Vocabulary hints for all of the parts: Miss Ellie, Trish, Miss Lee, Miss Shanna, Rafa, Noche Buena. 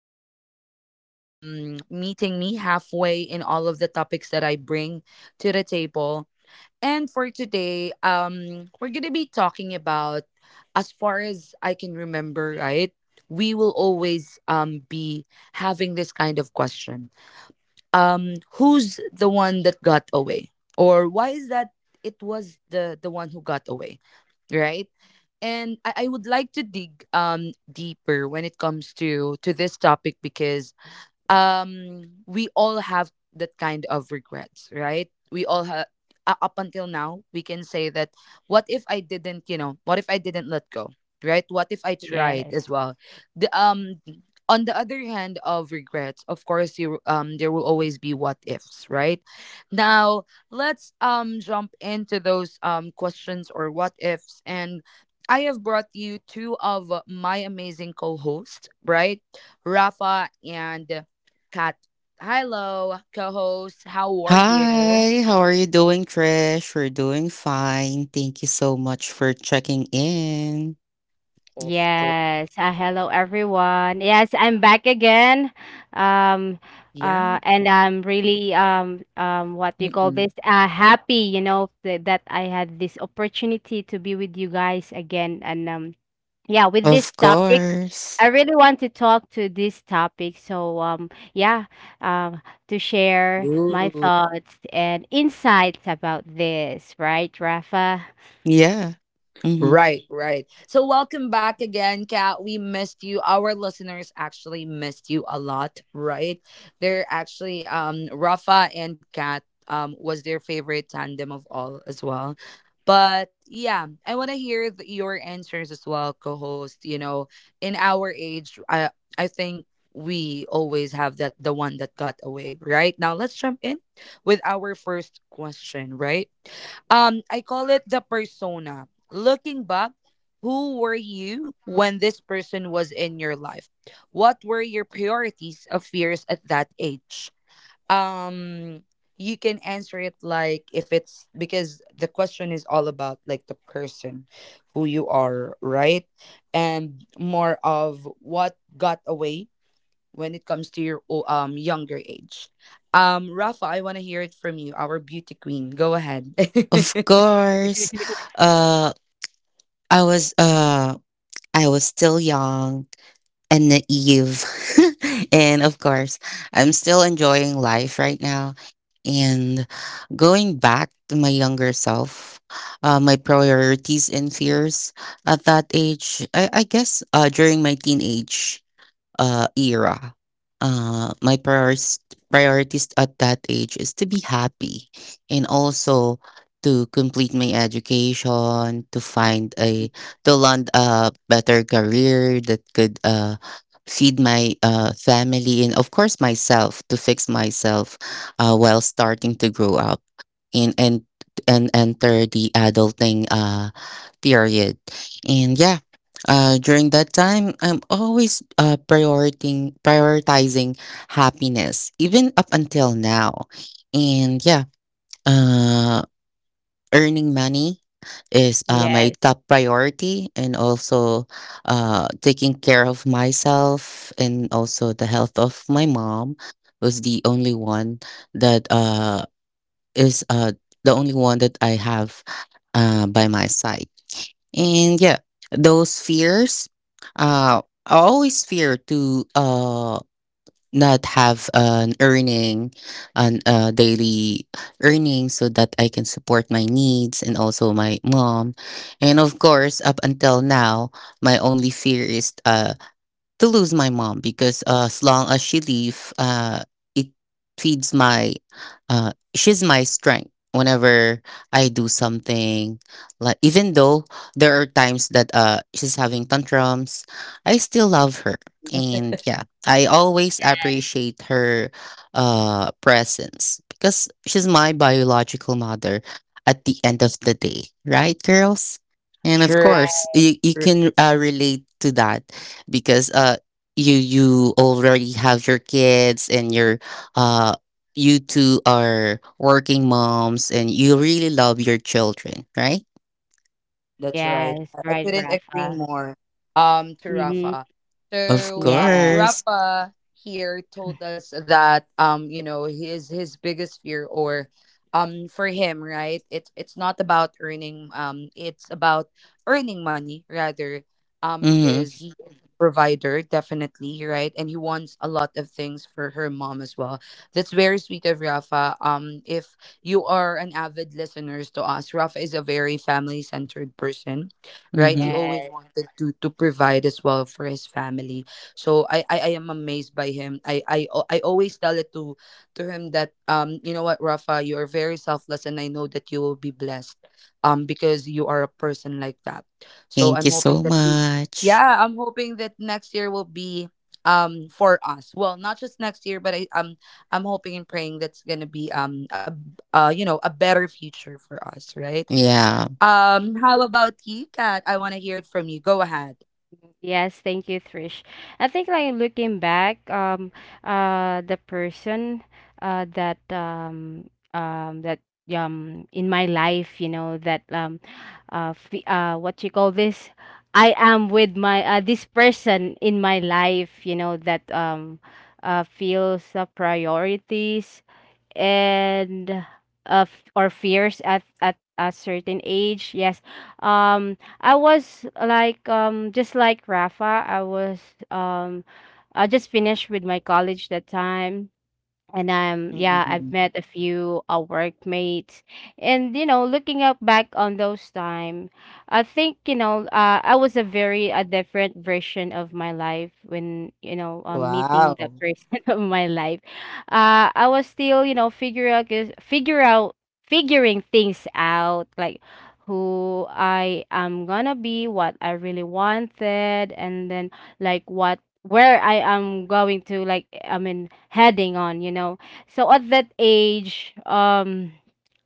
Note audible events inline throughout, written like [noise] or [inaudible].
for meeting me halfway in all of the topics that I bring to the table. And for today, we're gonna be talking about, as far as I can remember, right? We will always be having this kind of question. Who's the one that got away, or why is that it was the one who got away, right? And I would like to dig deeper when it comes to this topic because we all have that kind of regrets, right? We all have, up until now we can say that, what if I didn't, what if I didn't let go, right? What if I tried Yes. as well? The On the other hand of regrets, of course you, there will always be what ifs, right? Now let's jump into those questions or what ifs. And I have brought you two of my amazing co-hosts, right? Rafa and Kat. Hello, co-host. How are you? Hi, how are you doing, Trish? We're doing fine. Thank you so much for checking in. Of course. Yes. Hello, everyone. Yes, I'm back again. Um, Yeah. And I'm really what do you call Mm-mm. this? Happy, th that I had this opportunity to be with you guys again. And yeah, with this Of topic, course. I really want to talk to this topic. So yeah, um, to share my Ooh. thoughts and insights about this, right, Rafa? Yeah. hmm Right, right. So welcome back again, Kat. We missed you. Our listeners actually missed you a lot, right? They're actually, Rafa and Kat was their favorite tandem of all as well. But yeah, I want to hear your answers as well, co-host. You know, in our age, I think we always have that the one that got away, right? Now let's jump in with our first question, right? I call it the persona. Looking back, who were you when this person was in your life? What were your priorities of fears at that age? Um you can answer it like, if it's because the question is all about like the person who you are, right? And more of what got away when it comes to your younger age. Rafa, I want to hear it from you, our beauty queen. Go ahead. Of [laughs] course. [laughs] Uh I was uh I was still young and naive. [laughs] And of course, I'm still enjoying life right now. And going back to my younger self, my priorities and fears at that age, I guess during my teenage era. My priorities at that age is to be happy, and also to complete my education, to land a better career that could feed my family, and of course myself, to fix myself while starting to grow up and and enter the adulting period. And yeah, during that time, I'm always prioritizing happiness, even up until now. And yeah, uh, earning money is my Yes, top priority, and also taking care of myself and also the health of my mom was that uh, is uh, the only one that I have by my side. And yeah, those fears. Uh, I always fear to not have an earning, an daily earning, so that I can support my needs and also my mom. And of course, up until now, my only fear is to lose my mom, because as long as she leave, it feeds my. She's my strength whenever I do something. Like, even though there are times that she's having tantrums, I still love her, and yeah, I always appreciate her presence, because she's my biological mother at the end of the day, right, girls? And of True. course, right. you can relate to that, because you already have your kids and your uh you two are working moms and you really love your children, right? That's right. Yes, I right, couldn't agree Rafa. more to Mm-hmm. Rafa. Of So Yes, course. Rafa here told us that, you know, his biggest fear or for him, right? It's not about earning, it's about earning money rather, Mm-hmm. because he is a provider definitely, right? And he wants a lot of things for her mom as well. That's very sweet of Rafa. If you are an avid listeners to us. Raf is a very family centered person, right? He Mm-hmm. yes, always wanted to provide as well for his family. So I am amazed by him. I always tell it to him that, you know what, Rafa, you are very selfless, and I know that you will be blessed because you are a person like that. So Thank I'm you hoping so that we- much. yeah, I'm hoping that next year will be for us. Well, not just next year, but I'm hoping and praying that's gonna be a you know, a better future for us, right? Yeah. How about you, Kat? I want to hear it from you. Go ahead. yes. Thank you, Trish. I think like looking back, the person, that that in my life, that what you call this? I am with my this person in my life, that feels the priorities and or fears at a certain age. Yes, I was like, just like Rafa, I was um I just finished with my college that time. And, yeah, I've Mm-mm-mm. met a few workmates, and you know, looking up back on those time, I think you know, I was a very a different version of my life when you know meeting that Wow. person [laughs] of my life. I was still you know figure out figuring things out, like who I am gonna be, what I really wanted, and then like what where I am going to, like I mean, heading on, you know. So at that age,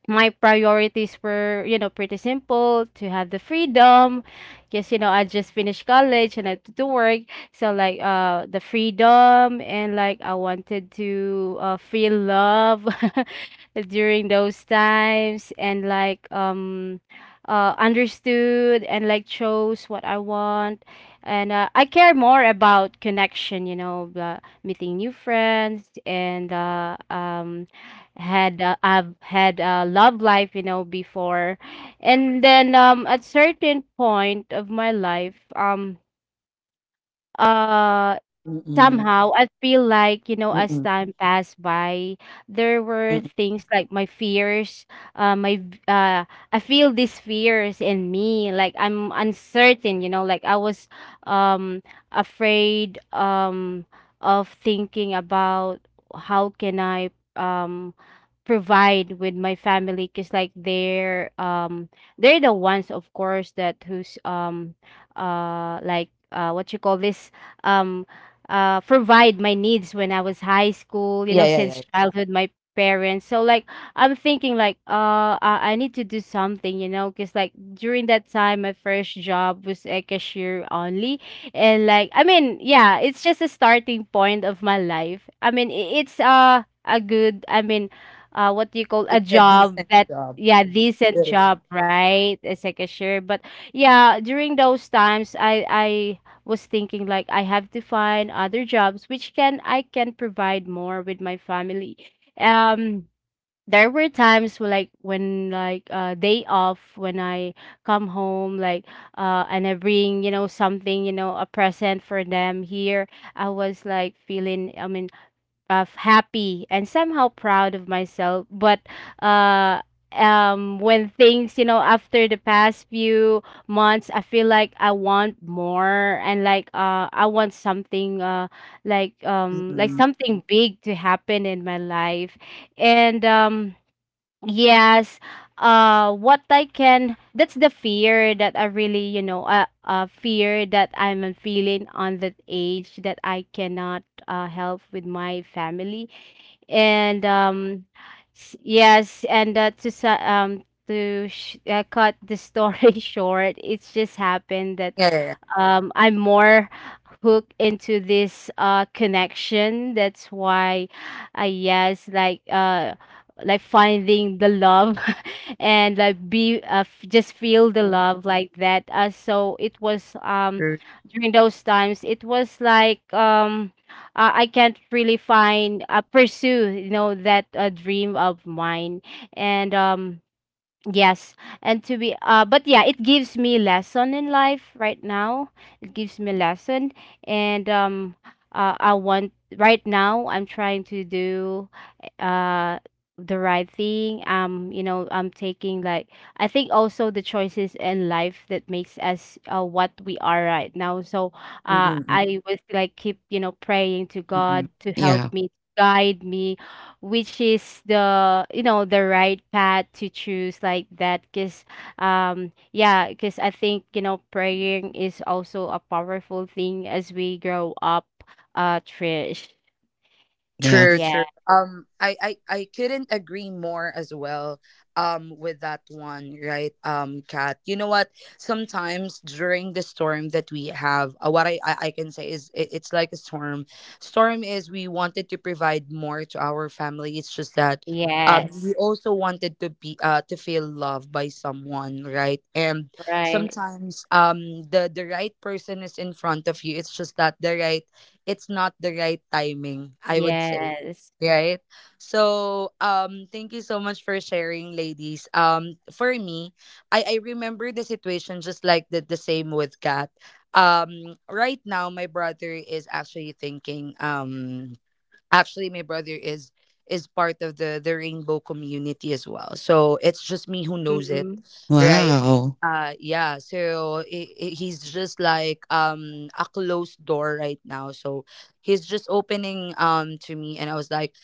my priorities were, you know, pretty simple: to have the freedom because, you know, I just finished college and I had to work. So, like, the freedom, and like I wanted to feel love [laughs] during those times, and like, understood, and like chose what I want. And I care more about connection, you know, meeting new friends, and, had I've had a love life, you know, before. And then at certain point of my life, uh Mm-mm. somehow I feel like, you know, as Mm-mm. time passed by, there were Mm-mm. things like my fears, uh, my v- uh, I feel these fears in me, like I'm uncertain, you know, like I was um afraid of thinking about how can I um provide with my family, because like they're the ones, of course, that who's what you call this, um provide my needs when I was high school, you know, Yeah, yeah, since yeah. childhood, my parents. So like I'm thinking like I need to do something, you know, because like during that time my first job was a cashier only. And like I mean, yeah, it's just a starting point of my life. I mean, it's a good, I mean, what do you call a It's a decent job that, job. yeah, decent It is. job, right? As a cashier. But yeah, during those times I was thinking like I have to find other jobs which can provide more with my family. Um there were times where, like when like day off, when I come home, like and I bring you know something, you know, a present for them here, I was like feeling, I mean, of happy and somehow proud of myself. But uh when things, you know, after the past few months, I feel like I want more, and like I want something, like Mm-mm. something big to happen in my life. And Yes. That's the fear that I really, you know, fear that I'm feeling on that age, that I cannot help with my family. And um, yes, and to sa- to sh- cut the story [laughs] short, it's just happened that Yeah, yeah, I'm more hooked into this connection. That's why, yes, like finding the love [laughs] and like just feel the yeah. love like that. So it was during those times. It was like I can't really find pursue you know that dream of mine. And Yes, and to be but yeah, it gives me lesson in life right now. It gives me lesson. And I want, right now I'm trying to do uh the right thing. You know, I'm taking like, I think also the choices in life that makes us what we are right now. So Mm-mm. I was like keep, you know, praying to Mm-mm. God to help Yeah. me, guide me, which is the you know the right path to choose, like that. Because yeah, because I think you know praying is also a powerful thing as we grow up, Trish. Yeah. True, Yeah. true. I couldn't agree more as well. With that one, right? Kat, you know what? Sometimes during the storm that we have, what I can say is, it's like a storm. Storm is, we wanted to provide more to our family. It's just that, yeah, we Yes, also wanted to be to feel loved by someone, right? And right. sometimes, the right person is in front of you. It's just that the right it's not the right timing, I would say. Yes. Right? So, thank you so much for sharing, ladies. For me, I remember the situation just like the same with Kat. Right now my brother is actually thinking, actually my brother is part of the rainbow community as well, so it's just me who knows it, Mm-hmm. right? Wow. Yeah, so he's just like, a closed door right now, so he's just opening to me, and I was like,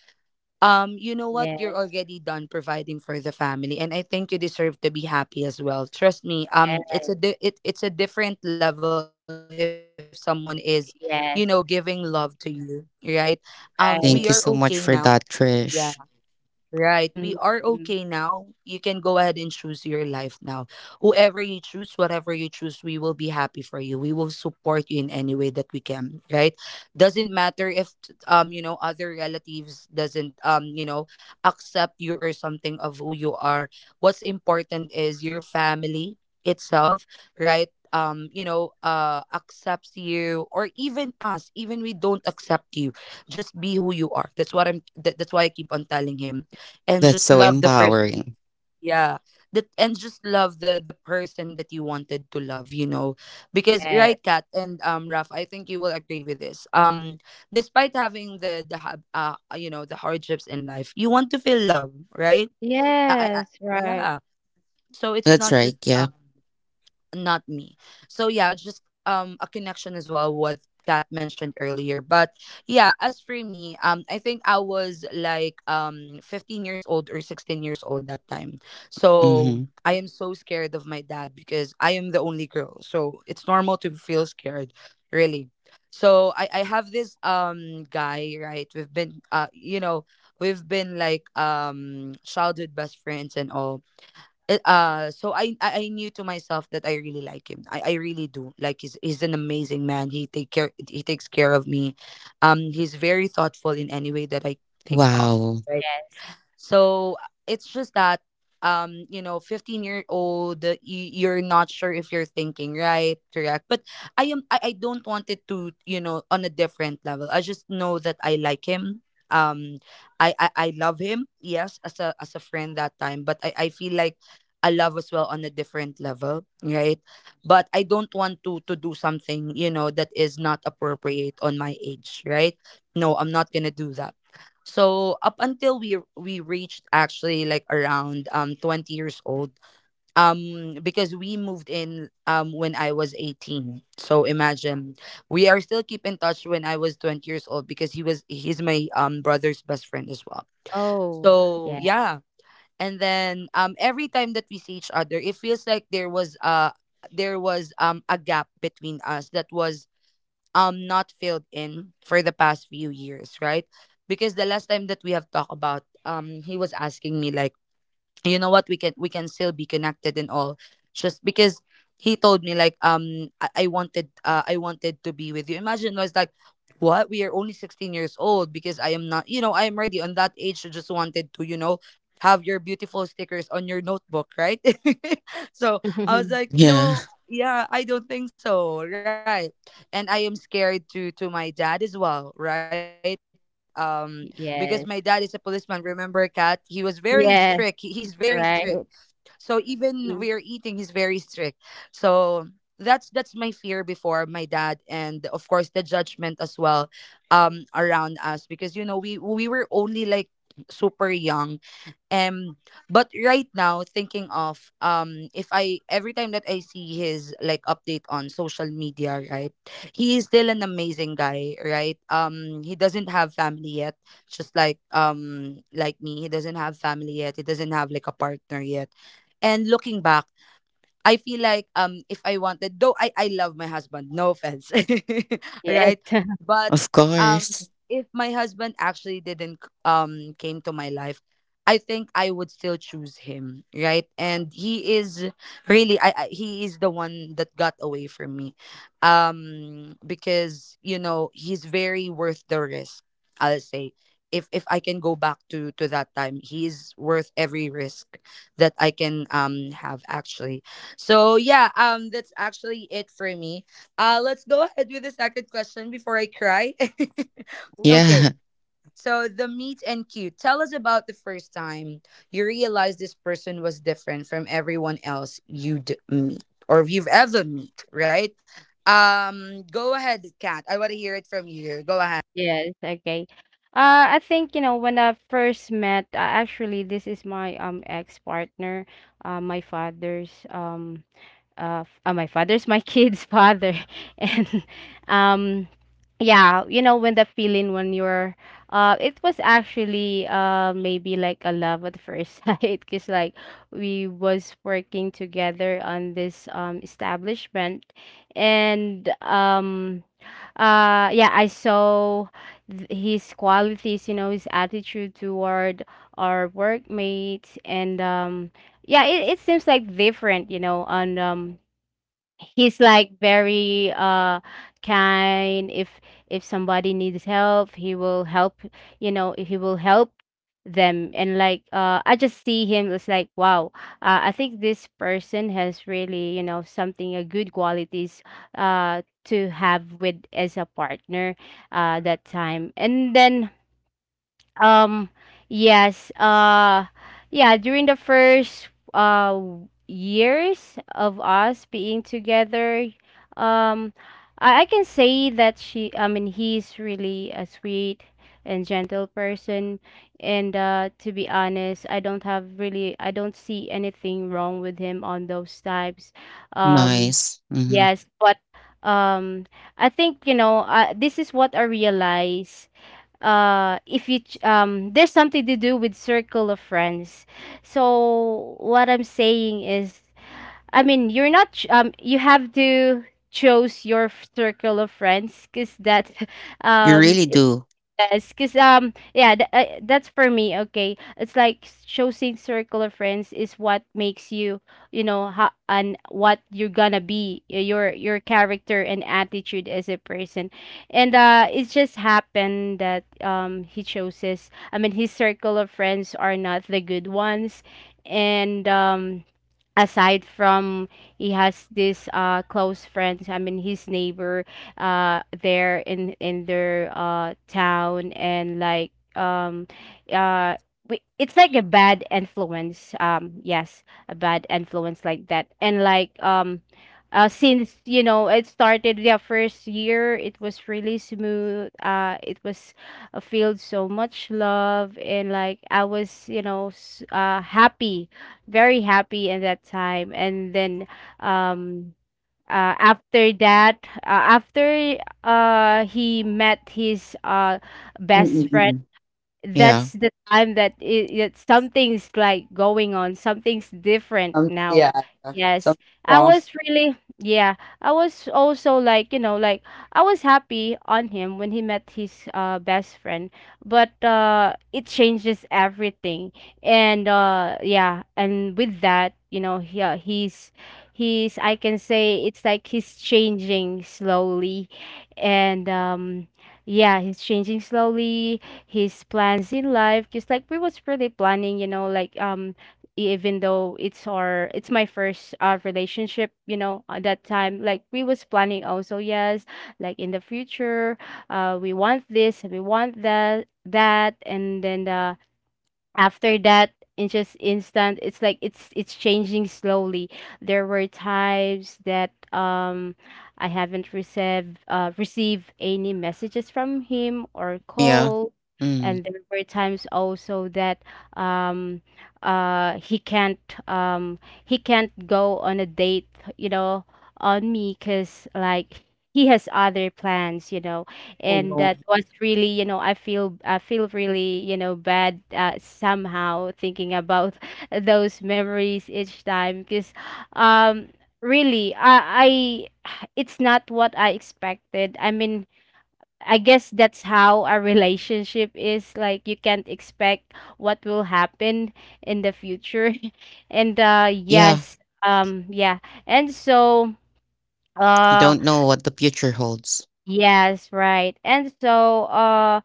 you know what, you're Yes. already done providing for the family, and I think you deserve to be happy as well. Trust me, yes it's a it's a different level if someone is, you know, giving love yes to you, right? We are okay right. Thank you now. so much for that, Yeah, Trish. right. We are okay Mm-hmm. now. You can go ahead and choose your life now. Whoever you choose, whatever you choose, we will be happy for you. We will support you in any way that we can, right? Doesn't matter if, you know, other relatives doesn't, you know, accept you or something of who you are. What's important is your family itself, right? You know, accepts you, or even us, even we don't accept you, just be who you are. That's what I'm that's why I keep on telling him, and That's just so love the person. empowering. Yeah, that, and just love the person that you wanted to love, you know, because, yes right Kat and Raf, I think you will agree with this, despite having you know, the hardships in life, you want to feel love, right? Yes right. Yeah, so it's That's not right. just Yeah. Not me. So yeah, just a connection as well, what Kat mentioned earlier. But yeah, as for me, I think I was like 15 years old or 16 years old that time. So Mm-hmm. I am so scared of my dad because I am the only girl. So it's normal to feel scared, really. So I have this guy, right? We've been, you know, we've been like, childhood best friends and all. So I knew to myself that I really like him. I really do. Like he's an amazing man. He takes care of me. He's very thoughtful in any way that I think of. Wow. Right? Yes. So it's just that, you know, 15-year old, you're not sure if you're thinking right, correct? But I don't want it to, you know, on a different level, I just know that I like him. Um I, I i love him, yes, as a friend that time, but I feel like I love as well on a different level, right? But I don't want to do something, you know, that is not appropriate on my age, right? No, I'm not gonna do that. So up until we reached, actually, like, around 20 years old, because we moved in when I was 18. So imagine, we are still keep in touch when I was 20 years old because he's my brother's best friend as well. Oh. So Yeah. yeah, and then every time that we see each other, it feels like there was a gap between us that was not filled in for the past few years, right? Because the last time that we have talked about, he was asking me like, you know what, we can still be connected and all, just because he told me like, I wanted, I wanted to be with you. Imagine, I was like, what, we are only 16 years old, because I am not you know, I am ready on that age, you just wanted to, you know, have your beautiful stickers on your notebook, right? [laughs] So I was [laughs] like Yeah. no. Yeah, I don't think so, right? And I am scared to my dad as well, right? Because my dad is a policeman, Yes. remember, cat he was very strict, he's yes very strict. right. So even we're eating, Mm-hmm. he's very strict. So that's my fear before, my dad, and of course the judgment as well around us, because you know we were only like super young. um but right now, thinking of, if I every time that I see his like update on social media, right, he is still an amazing guy, right? He doesn't have family yet, just like, like me, he doesn't have family yet, he doesn't have like a partner yet. And looking back, I feel like, if I wanted though, I love my husband, no offense. [laughs] Yes. Right? [laughs] [laughs] But Of um course. if my husband actually didn't came to my life, I think I would still choose him, right? And he is really, I, he is the one that got away from me. Because you know, he's very worth the risk, I'll say. If I can go back to that time, he is worth every risk that I can have actually. So yeah, that's actually it for me. Let's go ahead with the second question before I cry. [laughs] Yeah. Okay. [laughs] So the meet and cute. Tell us about the first time you realized this person was different from everyone else you'd meet or you've ever meet. Right? Go ahead, Kat. I want to hear it from you. Go ahead. Yes, okay. I think, you know, when I first met, actually, this is my ex-partner, uh, my father's um my father's, my kid's father, [laughs] and um yeah, you know, when the feeling when you're it was actually maybe like a love at first [laughs] sight, because like we was working together on this establishment. And Yeah, I saw his qualities, you know, his attitude toward our workmates. And Yeah, it seems like different, you know, on he's like very kind. If somebody needs help, he will help, you know, he will help them. And like I just see him as like, wow, I think this person has really, you know, something a good qualities to have with as a partner that time. And then um, yes. Yeah, during the first uh years of us being together, um, I can say that he's really a sweet and gentle person. And to be honest, I don't have really, I don't see anything wrong with him on those types. Um, Nice. Mm-hmm. yes, but um, I think, you know, this is what I realize: if you ch- there's something to do with circle of friends. So what I'm saying is, I mean you're not ch- you have to choose your circle of friends, because that [laughs] You um really do. yes, because yeah, that's for me, okay. It's like choosing circle of friends is what makes you, you know, and what you're gonna be, your character and attitude as a person. And it just happened that he chooses, I mean, his circle of friends are not the good ones. And Aside from, he has this close friends, I mean his neighbor there in their town, and like uh we, it's like a bad influence, yes, a bad influence like that. And like since you know it started their first year, it was really smooth. It was filled so much love, and like I was, you know, happy, very happy in that time. And then um uh, after that, after he met his best friend, Mm-mm-mm. Yeah. that's the time that it, that something's like going on, something's different now. Yeah, yeah, Yes. something I wrong. was really, yeah, I was also like, you know, like I was happy on him when he met his best friend, but it changes everything. And with that, you know, he's I can say it's like he's changing slowly and yeah, he's changing slowly his plans in life just like we was really planning you know like even though it's my first relationship you know at that time like we was planning also yes like in the future we want this we want that and then after that it's just instant it's like it's changing slowly. There were times that I haven't received received any messages from him or Yeah. call. Mm. And there were times also that um uh he can't um he can't go on a date you know on me because like he has other plans you know. Oh And no. that was really you know I feel I feel really you know bad, somehow thinking about [laughs] those memories each time because um really I [sighs] it's not what I expected I mean I guess that's how a relationship is, like you can't expect what will happen in the future. [laughs] and uh Yeah. yes um yeah and You uh don't know what the future holds. yes, right and so uh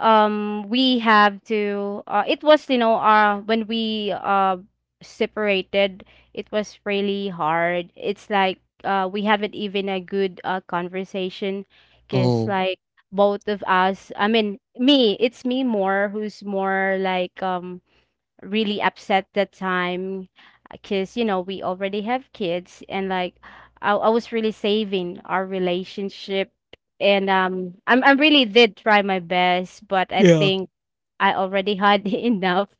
um we have to, it was you know when we separated, it was really hard. It's like we haven't even a good conversation because Oh. like both of us I mean me it's me more who's more like really upset that time because you know we already have kids and like I was really saving our relationship. And um I'm I really did try my best, but I think I already had [laughs] enough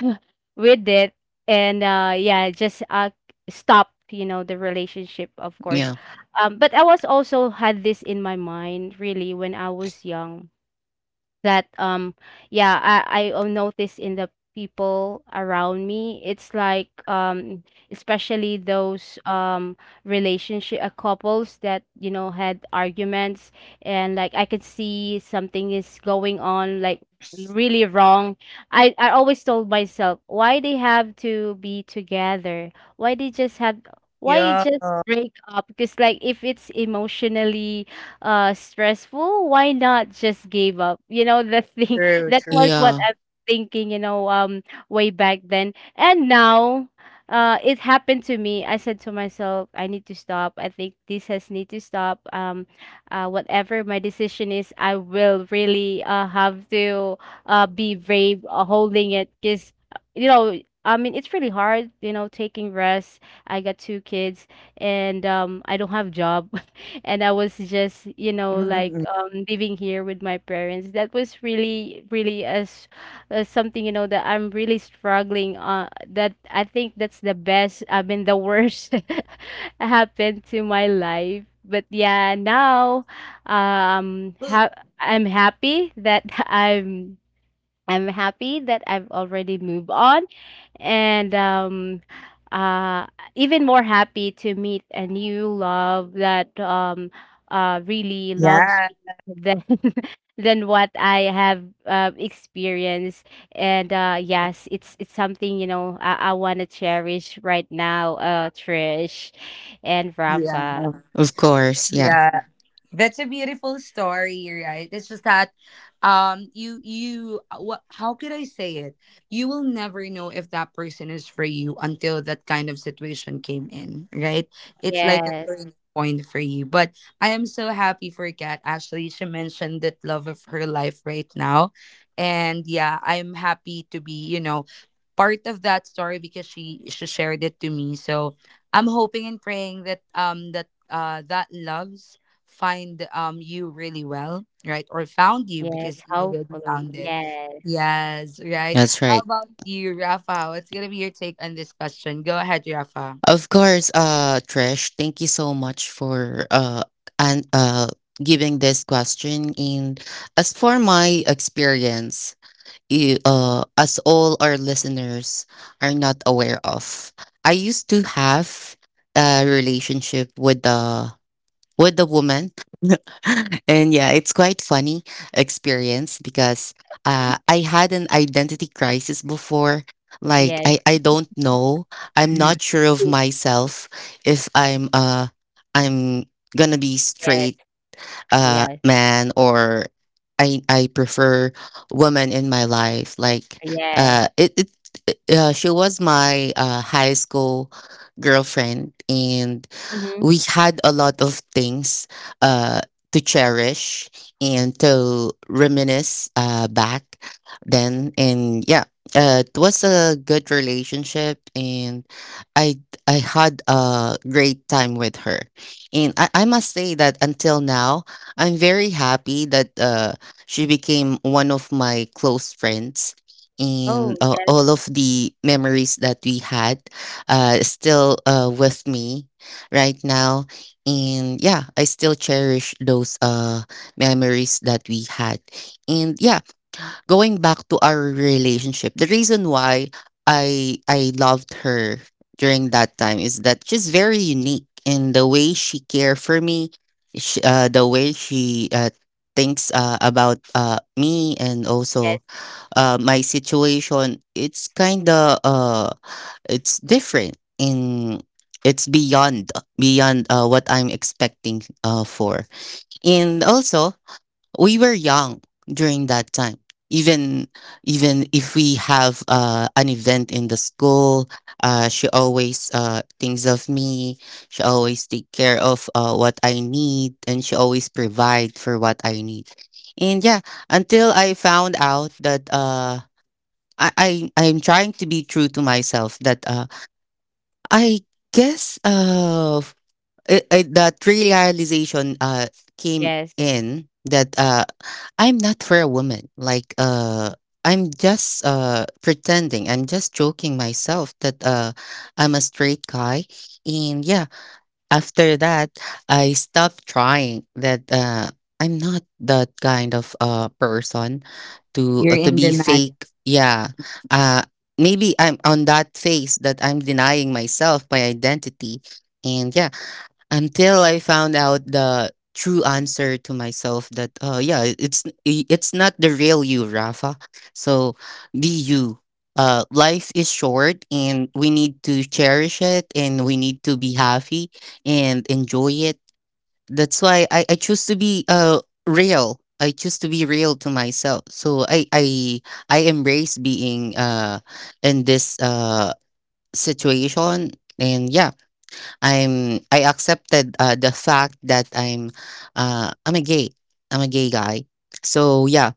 [laughs] with it. And just stop you know the relationship of course. Yeah. But I was also had this in my mind really when I was young that yeah I notice in the people around me it's like especially those relationship, couples that you know had arguments, and like I could see something is going on like really wrong. I always told myself, why they have to be together, why they just have, why Yeah. just break up? Because like if it's emotionally stressful, why not just give up? You know, the thing [laughs] True, that true. was what Yeah. I'm thinking, you know, way back then. And now it happened to me. I said to myself, I need to stop. I think this has need to stop. Whatever my decision is, I will really have to be brave, holding it because you know I mean, it's really hard, you know, taking rest. I got two kids, and I don't have job. [laughs] And I was just, you know, like Mm-mm-mm. Living here with my parents. That was really, really as, something, you know, that I'm really struggling on. That I think that's the best, I mean, the worst [laughs] happened to my life. But yeah, now um ha- I'm happy that [laughs] I'm happy that I've already moved on, and uh even more happy to meet a new love that really loves Yeah. me than [laughs] than what I have, experienced. And yes, it's something you know I want to cherish right now, Trish and Yeah. Rafa. Of course. Yeah. Yeah, that's a beautiful story, right? It's just that, you you what? How could I say it? You will never know if that person is for you until that kind of situation came in, right? It's like a Yes, turning point for you. But I am so happy for Kat. Actually, she mentioned that love of her life right now, and yeah, I'm happy to be. You know, part of that story because she shared it to me. So I'm hoping and praying that that loves find you really well, right? Or found you yes, because you already hopefully found it. yes. Yes, right. That's How right. about you, Rafa? What's gonna be your take on this question? Go ahead, Rafa. Of course, Trish, thank you so much for and giving this question. And as for my experience, as all our listeners are not aware of, I used to have a relationship with the woman, [laughs] and yeah, it's quite funny experience, because Mhm. I had an identity crisis before. Like, Yes. I don't know. I'm Mm. not sure of myself if I'm gonna be Yes. straight Yes. man, or I prefer woman in my life. Like Yes. uh it, it she was my high school girlfriend, and Hmm. we had a lot of things uh to cherish and to reminisce back then. And yeah, it was a good relationship and I I had a great time with her, and I must say that until now I'm very happy that she became one of my close friends, and Oh yes. all of the memories that we had is still with me right now. And yeah, I still cherish those memories that we had. And yeah, going back to our relationship, the reason why I loved her during that time is that she's very unique in the way she care for me, sh the way she thinks about me, and Yes. also my situation. It's kind of it's different in it's beyond beyond what I'm expecting for, and also we were young during that time. Even even if we have an event in the school, she always thinks of me, she always take care of what I need, and she always provide for what I need. And yeah, until I found out that I'm trying to be true to myself, that I guess f- I that realization came Yes. in that I'm not for a woman. Like, I'm just pretending. I'm just joking myself that I'm a straight guy. And yeah, after that I stopped trying that I'm not that kind of person You're to in be denial. fake. Yeah. Uh Maybe I'm on that phase that I'm denying myself my identity. And yeah, until I found out the true answer to myself that yeah, it's not the real you, Rafa. So be you. Uh, life is short and we need to cherish it and we need to be happy and enjoy it. That's why I choose to be real. I choose to be real to myself. So I embrace being in this situation. And yeah, I accepted the fact that I'm a gay. I'm a gay guy. So yeah,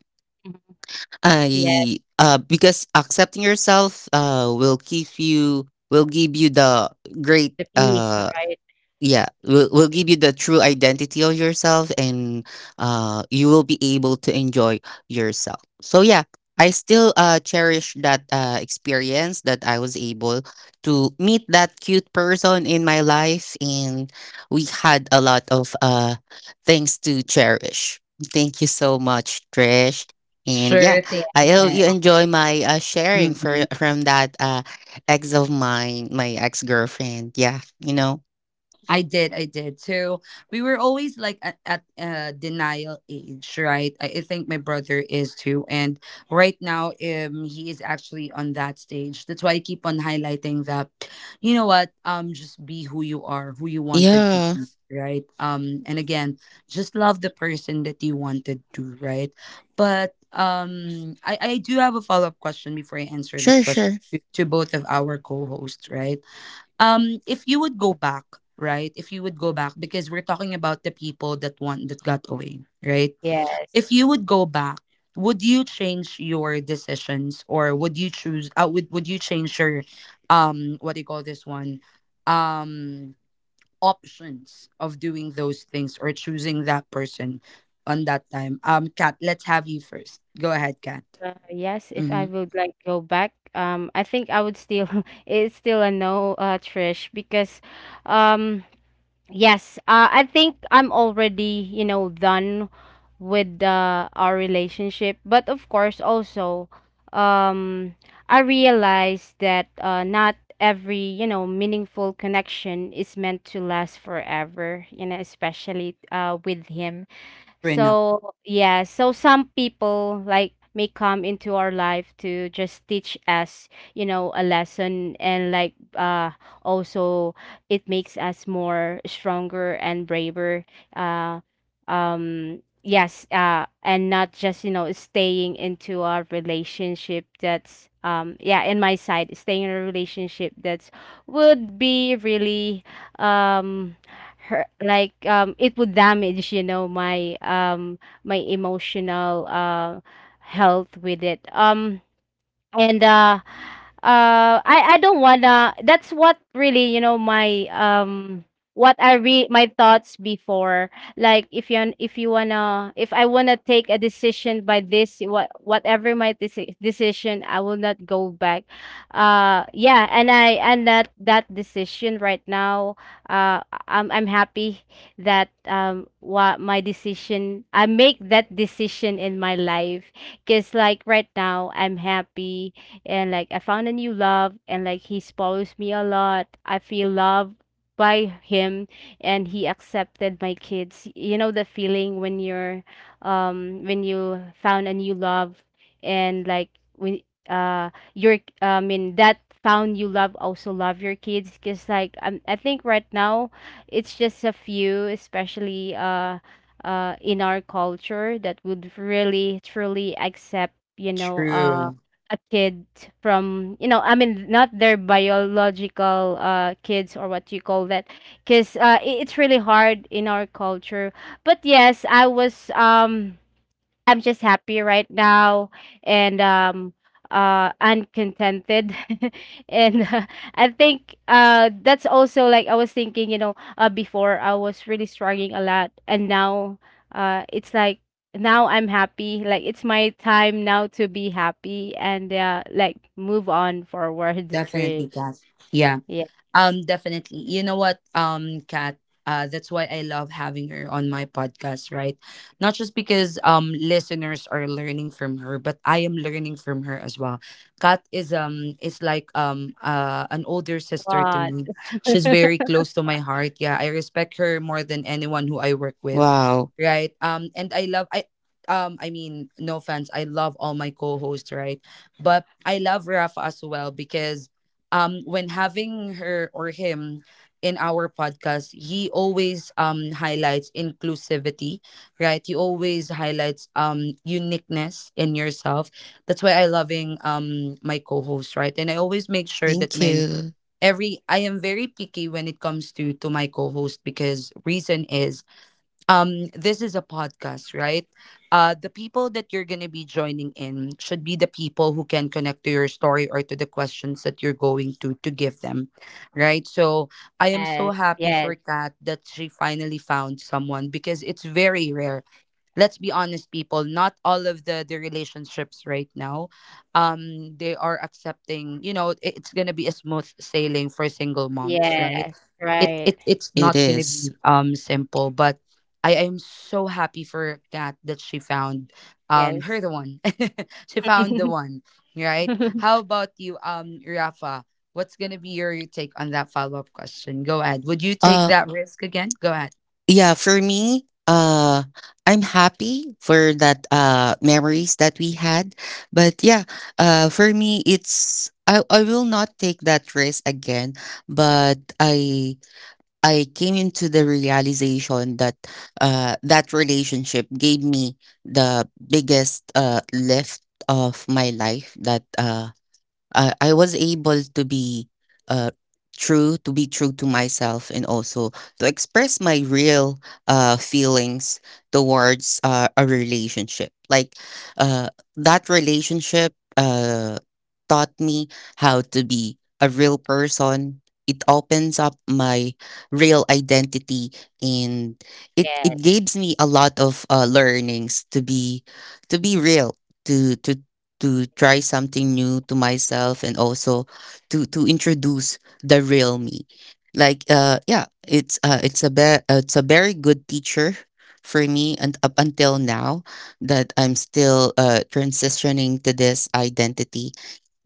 Mhm. I because accepting yourself will give you the great The peace, right? yeah, will give you the true identity of yourself, and you will be able to enjoy yourself. So yeah, I still cherish that experience that I was able to meet that cute person in my life, and we had a lot of things to cherish. Thank you so much, Trish. And yeah, Sure, thank you I hope so you Yes, enjoy my sharing for much. from that ex of mine, my ex-girlfriend. Yeah, you know. I did, I did, too. We were always like at, denial age, right? I think my brother is too, and right now, he is actually on that stage. That's why I keep on highlighting that. You know what? Just be who you are, who you wanted to Yeah. be, right? And again, just love the person that you wanted to, right? But um, I do have a follow up question before I answer this Sure, question sure. To both of our co hosts, right? If you would go back, right? If you would go back, because we're talking about the people that want that got away, right? yes. If you would go back, would you change your decisions, or would you choose would you change your what do you call this one, um options of doing those things or choosing that person on that time? Kat, let's have you first. Go ahead, Kat. Yes, if I Mm-hmm. would like go back, I think I would still. [laughs] It's still a no, Trish, because, um, yes, I think I'm already, you know, done with our relationship. But of course, also, um, I realized that, not every, you know, meaningful connection is meant to last forever. You know, especially, with him. True enough. So, yeah, so some people like may come into our life to just teach us, you know, a lesson, and like also it makes us more stronger and braver. Uh yes, and not just, you know, staying into a relationship that's yeah, in my side, staying in a relationship that's would be really um her like it would damage you know my my emotional health with it. Um and uh uh I I don't wanna, that's what really you know my what I re my thoughts before, like if you wanna if I wanna take a decision by this, what whatever my decision, I will not go back. Yeah, and that that decision right now, I'm I'm happy that what my decision, I make that decision in my life because like right now I'm happy, and like I found a new love, and like he spoils me a lot. I feel loved by him, and he accepted my kids. You know the feeling when you're when you found a new love, and like when your I mean that found you love also love your kids, because like I am I think right now it's just a few especially in our culture that would really truly accept you know, True. a kid from you know I mean, not their biological, kids or what you call that because, it's really hard in our culture. But yes, I was I'm just happy right now, and uncontented [laughs] and I think that's also like I was thinking you know before I was really struggling a lot, and now it's like now I'm happy, like it's my time now to be happy, and like move on forward. [laughs] Definitely, Trish. Kat. Yeah. Yes. Definitely. You know what, Kat, that's why I love having her on my podcast, right? Not just because listeners are learning from her, but I am learning from her as well. Kat is like an older sister to What? me. She's very close to my heart. Yeah, I respect her more than anyone who I work with, Wow. right? And I love I mean, no offense, I love all my co-hosts, right? But I love Rafa as well because when having her or him in our podcast, he always highlights inclusivity, right? He always highlights uniqueness in yourself. That's why I loving my co-host, right? And I always make sure that Thank my you. every, I am very picky when it comes to my co-host, because reason is, this is a podcast, right? The people that you're going to be joining in should be the people who can connect to your story or to the questions that you're going to give them, right? So I am so Yes. happy Yes. for Kat that she finally found someone because it's very rare. Let's be honest, people, not all of the relationships right now, they are accepting. You know, it- it's gonna be a smooth sailing for single moms, right? Yes. it, Right. it it's It not gonna is. be simple, but I am so happy for Kat that she found Yes. her the one. [laughs] She [laughs] found the one, right? How about you, Rafa? What's gonna be your take on that follow-up question? Go ahead. Would you take Uh that risk again? Go ahead. yeah, for me, I'm happy for that memories that we had. But yeah, for me it's I will not take that risk again, but I came into the realization that that relationship gave me the biggest lift of my life, that I was able to be uh, true, to be true to myself, and also to express my real feelings towards a relationship. Like, uh, that relationship taught me how to be a real person. It opens up my real identity, and it Yes. gives me a lot of learnings to be real to to try something new to myself, and also to introduce the real me. Like, yeah, it's a very good teacher for me. And up until now, that I'm still transitioning to this identity,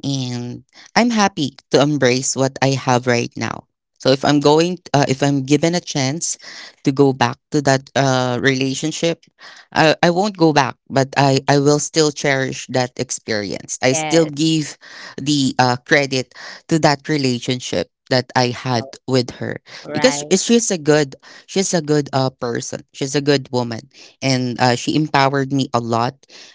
and I'm happy to embrace what I have right now. So if I'm going, if I'm given a chance to go back to that relationship, I won't go back, but I will still cherish that experience. I still Yes. give the credit to that relationship that I had with her, because Right. She's a good person. She's a good woman, and she empowered me a lot.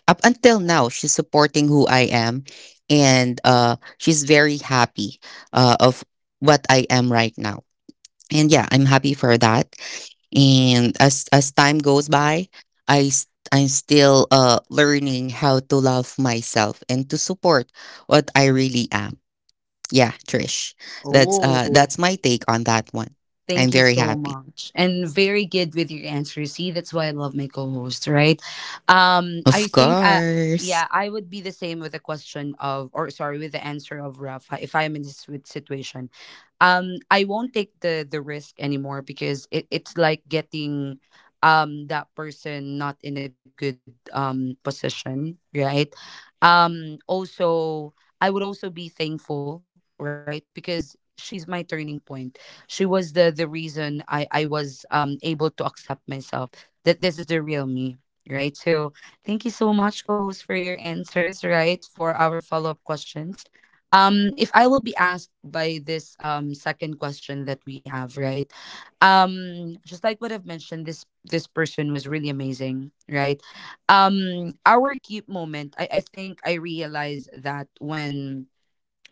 Up until now, she's supporting who I am, and she's very happy of what I am right now. And yeah, I'm happy for that. And as time goes by, I'm still learning how to love myself and to support what I really am. Yeah, Trish, Oh, that's my take on that one. I'm thank you very so happy. much. And very good with your answer. See, that's why I love my co-host, right? I Of think I, course. yeah, I would be the same with the question of, or sorry, with the answer of Rafa if I'm in this situation. I won't take the risk anymore because it, it's like getting that person not in a good position, right? Also, I would also be thankful, right? Because she's my turning point. She was the reason I was able to accept myself, that this is the real me, right? So thank you so much, co-host, for your answers, right, for our follow-up questions. If I will be asked by this second question that we have, right? Just like what I've mentioned, this person was really amazing, right? Our cute moment, I think I realized that when,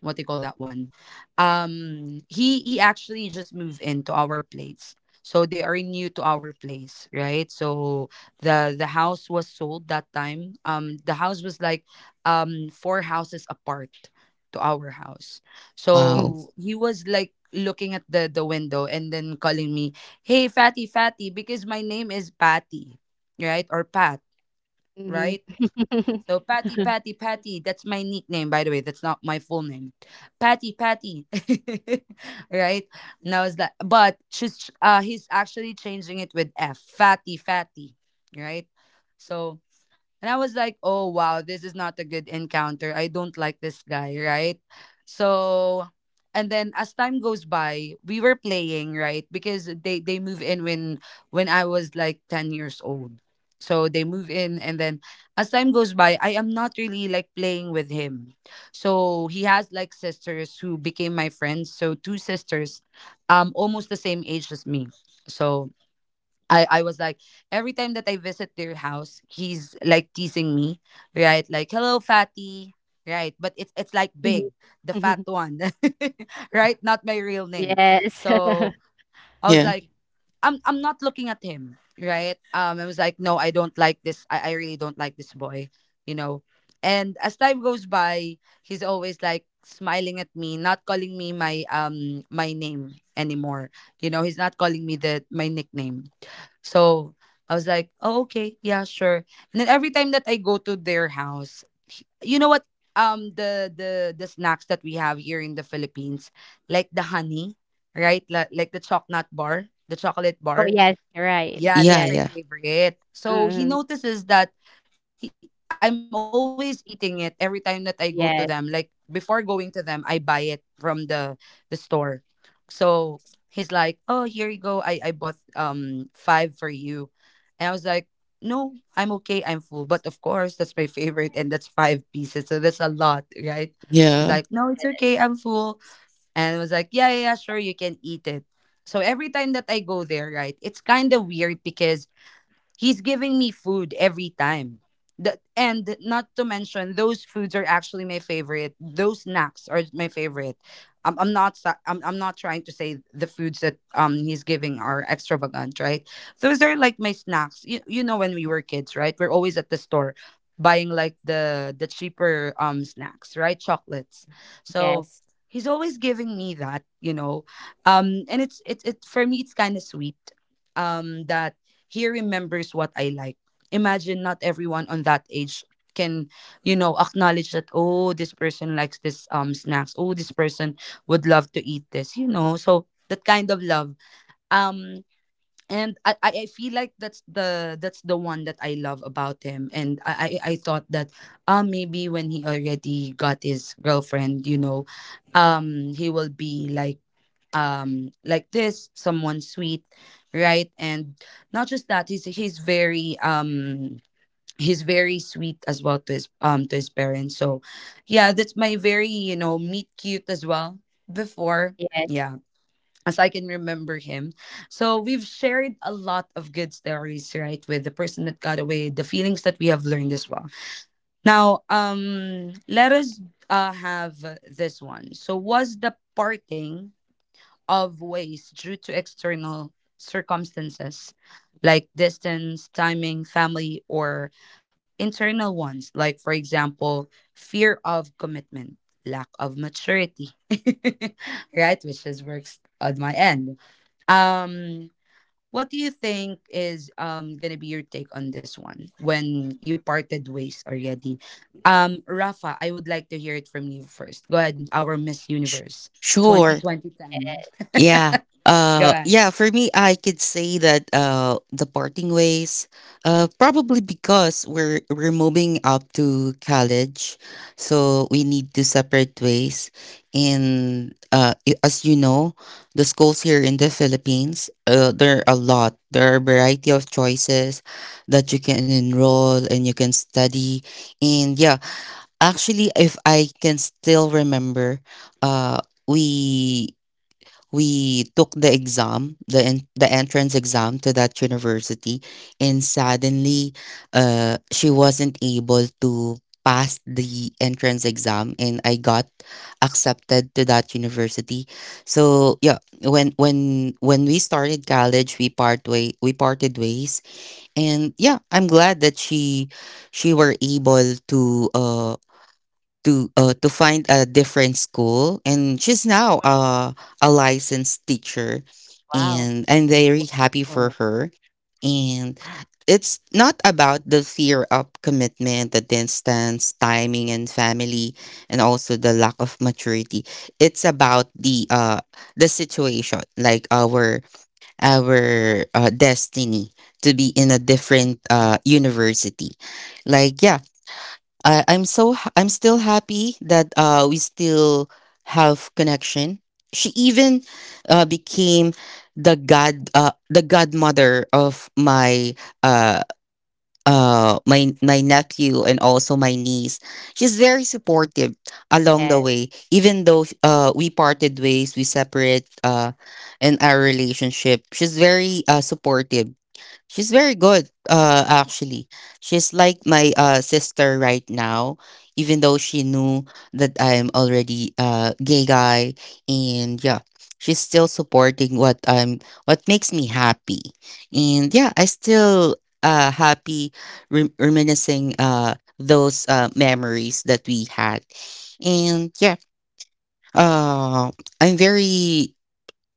what they call that one, he actually just moved into our place. So they are new to our place, right? So the house was sold that time. The house was like four houses apart to our house. Mhm, Wow. So he was like looking at the window and then calling me, hey fatty, fatty, because my name is Patty, right, or Pat, mhm. right? So [laughs] Patty, Patty, Patty. That's my nickname, by the way. That's not my full name. Patty, Patty. [laughs] Right now it's that, but she's he's actually changing it with F. Fatty, fatty. Right. So, and I was like, oh wow, this is not a good encounter. I don't like this guy, right? So, and then as time goes by, we were playing, right? Because they move in when I was like 10 years old. So they move in, and then as time goes by, I am not really like playing with him. So he has like sisters who became my friends. So two sisters, almost the same age as me. So, I was like every time that I visit their house, he's like teasing me, right? Like, hello fatty, right? But it's like big, the fat one. [laughs] Right? Not my real name. Yes. [laughs] So I was Yeah. like, I'm not looking at him, right? I was like, no, I don't like this. I really don't like this boy, you know. And as time goes by, he's always like smiling at me, not calling me my my name anymore. You know, he's not calling me the my nickname. So I was like, oh, okay, yeah, sure. And then every time that I go to their house, you know what? The snacks that we have here in the Philippines, like the honey, right? Like, the chocolate bar, the chocolate Oh, bar. yes, right. Yeah, Yeah. that's Yes. my Yeah. favorite. So he Mhm. notices that he, I'm always eating it every time that I go to them. Like Yes, before going to them, I buy it from the store. So he's like, "Oh, here you go. I bought five for you," and I was like, "No, I'm okay. I'm full." But of course, that's my favorite, and that's five pieces, so that's a lot, right? He's Yeah. like, "No, it's okay. I'm full," and I was like, "Yeah, yeah, yeah, sure, you can eat it." So every time that I go there, right, it's kind of weird because he's giving me food every time. And not to mention, those foods are actually my favorite. Those snacks are my favorite. I'm not, I'm not trying to say the foods that he's giving are extravagant, right? Those are like my snacks. You know, when we were kids, right? We're always at the store buying like the cheaper snacks, right? Chocolates. So yes, he's always giving me that, you know, and it's it for me. It's kind of sweet, that he remembers what I like. Imagine not everyone on that age can, you know, acknowledge that, oh, this person likes this snacks. Oh, this person would love to eat this, you know. So that kind of love. Um and I feel like that's the one that I love about him. And I thought that maybe when he already got his girlfriend, you know, he will be like this someone sweet, right. And not just that, he's very sweet as well to his parents. So yeah, that's my very, you know, meet cute as well before. yes. Yeah, as I can remember him. So we've shared a lot of good stories, right, with the person that got away, the feelings that we have learned as well. Now, let us have this one. So, was the parting of ways due to external circumstances like distance, timing, family, or internal ones, like, for example, fear of commitment, lack of maturity, [laughs] right? Which is works on my end. Um, what do you think is gonna be your take on this one when you parted ways already? Rafa, I would like to hear it from you first. Go ahead, our Miss Sh- Universe twenty sure. twenty 10. [laughs] Yeah. Go ahead. Yeah, for me I could say that the parting ways probably because we're moving up to college. So we need to separate ways. And as you know, the schools here in the Philippines, there are a lot. There are a variety of choices that you can enroll and you can study. And yeah, actually, if I can still remember, uh we we took the exam, the entrance exam to that university, and suddenly, she wasn't able to pass the entrance exam, and I got accepted to that university. So yeah, when we started college, we parted ways. And yeah, I'm glad that she were able to uh to find a different school, and she's now a licensed teacher, Wow. and I'm very happy for Wow. her. And it's not about the fear of commitment, the distance, timing, and family, and also the lack of maturity. It's about the situation, like our our destiny to be in a different university. Like, yeah, I, I'm so ha- I'm still happy that we still have connection. She even became the godmother of my uh, my nephew, and also my niece. She's very supportive along the Yes. way. Even though we parted ways, we separate in our relationship, she's very supportive. She's very good, actually. She's like my sister right now, even though she knew that I'm already a gay guy. And yeah, she's still supporting what I'm, what makes me happy. And yeah, I still happy reminiscing those memories that we had. And yeah, uh, I'm very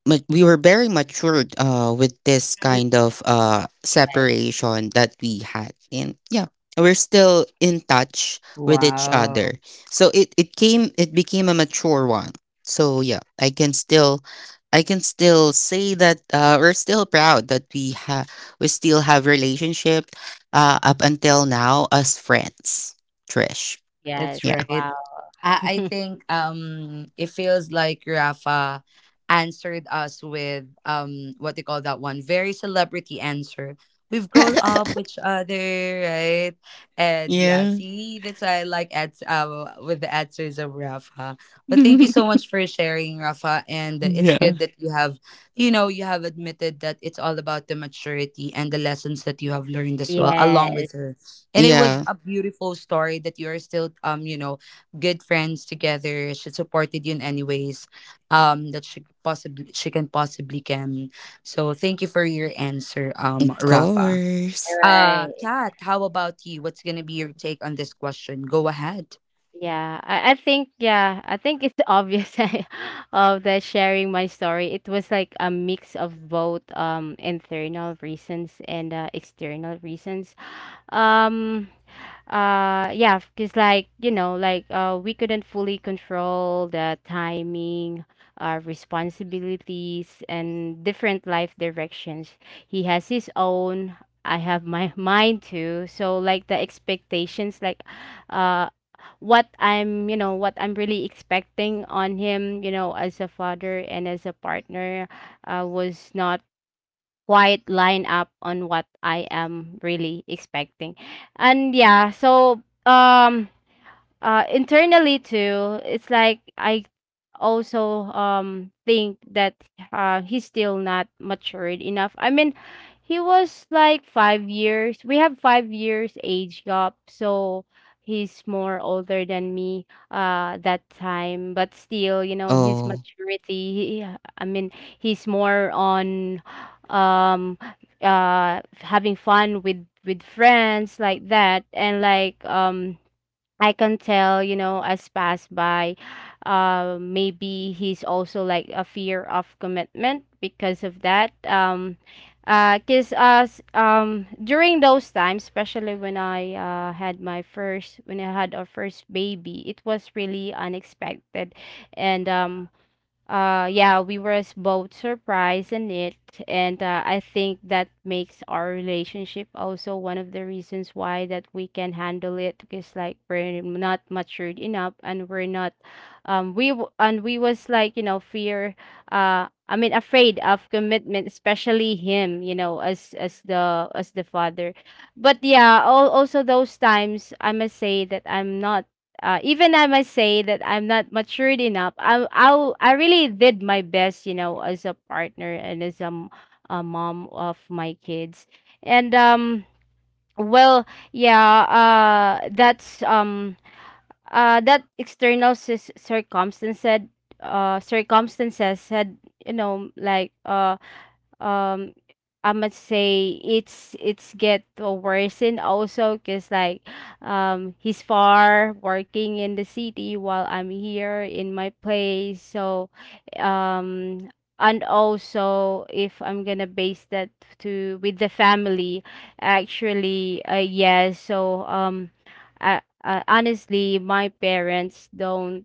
but We were very matured with this Mhm. kind of Yes, separation that we had. And yeah, we're still in touch with each Wow. other, so it became a mature one. So yeah, I can still say that we're still proud that we still have relationship up until now as friends, Trish. yes. That's Yeah. right. Wow. I [laughs] think it feels like Rafa answered us with what they call that one very celebrity answer. We've grown [laughs] up with each other, right? And yeah, Yeah. see, that's why I like at with the answers of Rafa. But thank you so [laughs] much for sharing, Rafa. And it's Yeah, good that you have, you know, you have admitted that it's all about the maturity and the lessons that you have learned as well, along Yes, with her. And it was yeah, a beautiful story that you are still you know, good friends together. She supported you in any ways that she can possibly can. So thank you for your answer, of Rafa. course. Right. Kat, how about you? What's gonna be your take on this question? Go ahead. Yeah, I think yeah, I think it's obvious [laughs] of the sharing my story. It was like a mix of both internal reasons and, external reasons. Um yeah, because like you know like we couldn't fully control the timing, our responsibilities, and different life directions. He has his own, I have my [laughs] mine too. So like the expectations, like, uh what I'm you know what I'm really expecting on him, you know, as a father and as a partner, was not quite line up on what I am really expecting. And yeah, so um internally too, it's like I also think that he's still not matured enough, I mean, he was like 5 years, we have 5 years age gap, so he's more older than me that time, but still you know his Oh, maturity he, I mean he's more on um having fun with friends like that, and like I can tell, you know, as pass by, maybe he's also like a fear of commitment because of that. Cause us during those times, especially when I had my first when I had our first baby, it was really unexpected, and yeah, we were both surprised in it, and I think that makes our relationship also one of the reasons why that we can handle it because like we're not matured enough, and we're not, we and we was like you know fear, I mean afraid of commitment, especially him, you know, as the father, but yeah, all, also those times I must say that I'm not, even I must say that I'm not matured enough. I I really did my best, you know, as a partner and as a, a mom of my kids. And well, yeah, uh that's um that external circumstances circumstances had you know like um I must say it's get, worsened also because like he's far working in the city while I'm here in my place. So um and also if I'm gonna base that to with the family, actually, yes, so I, honestly my parents don't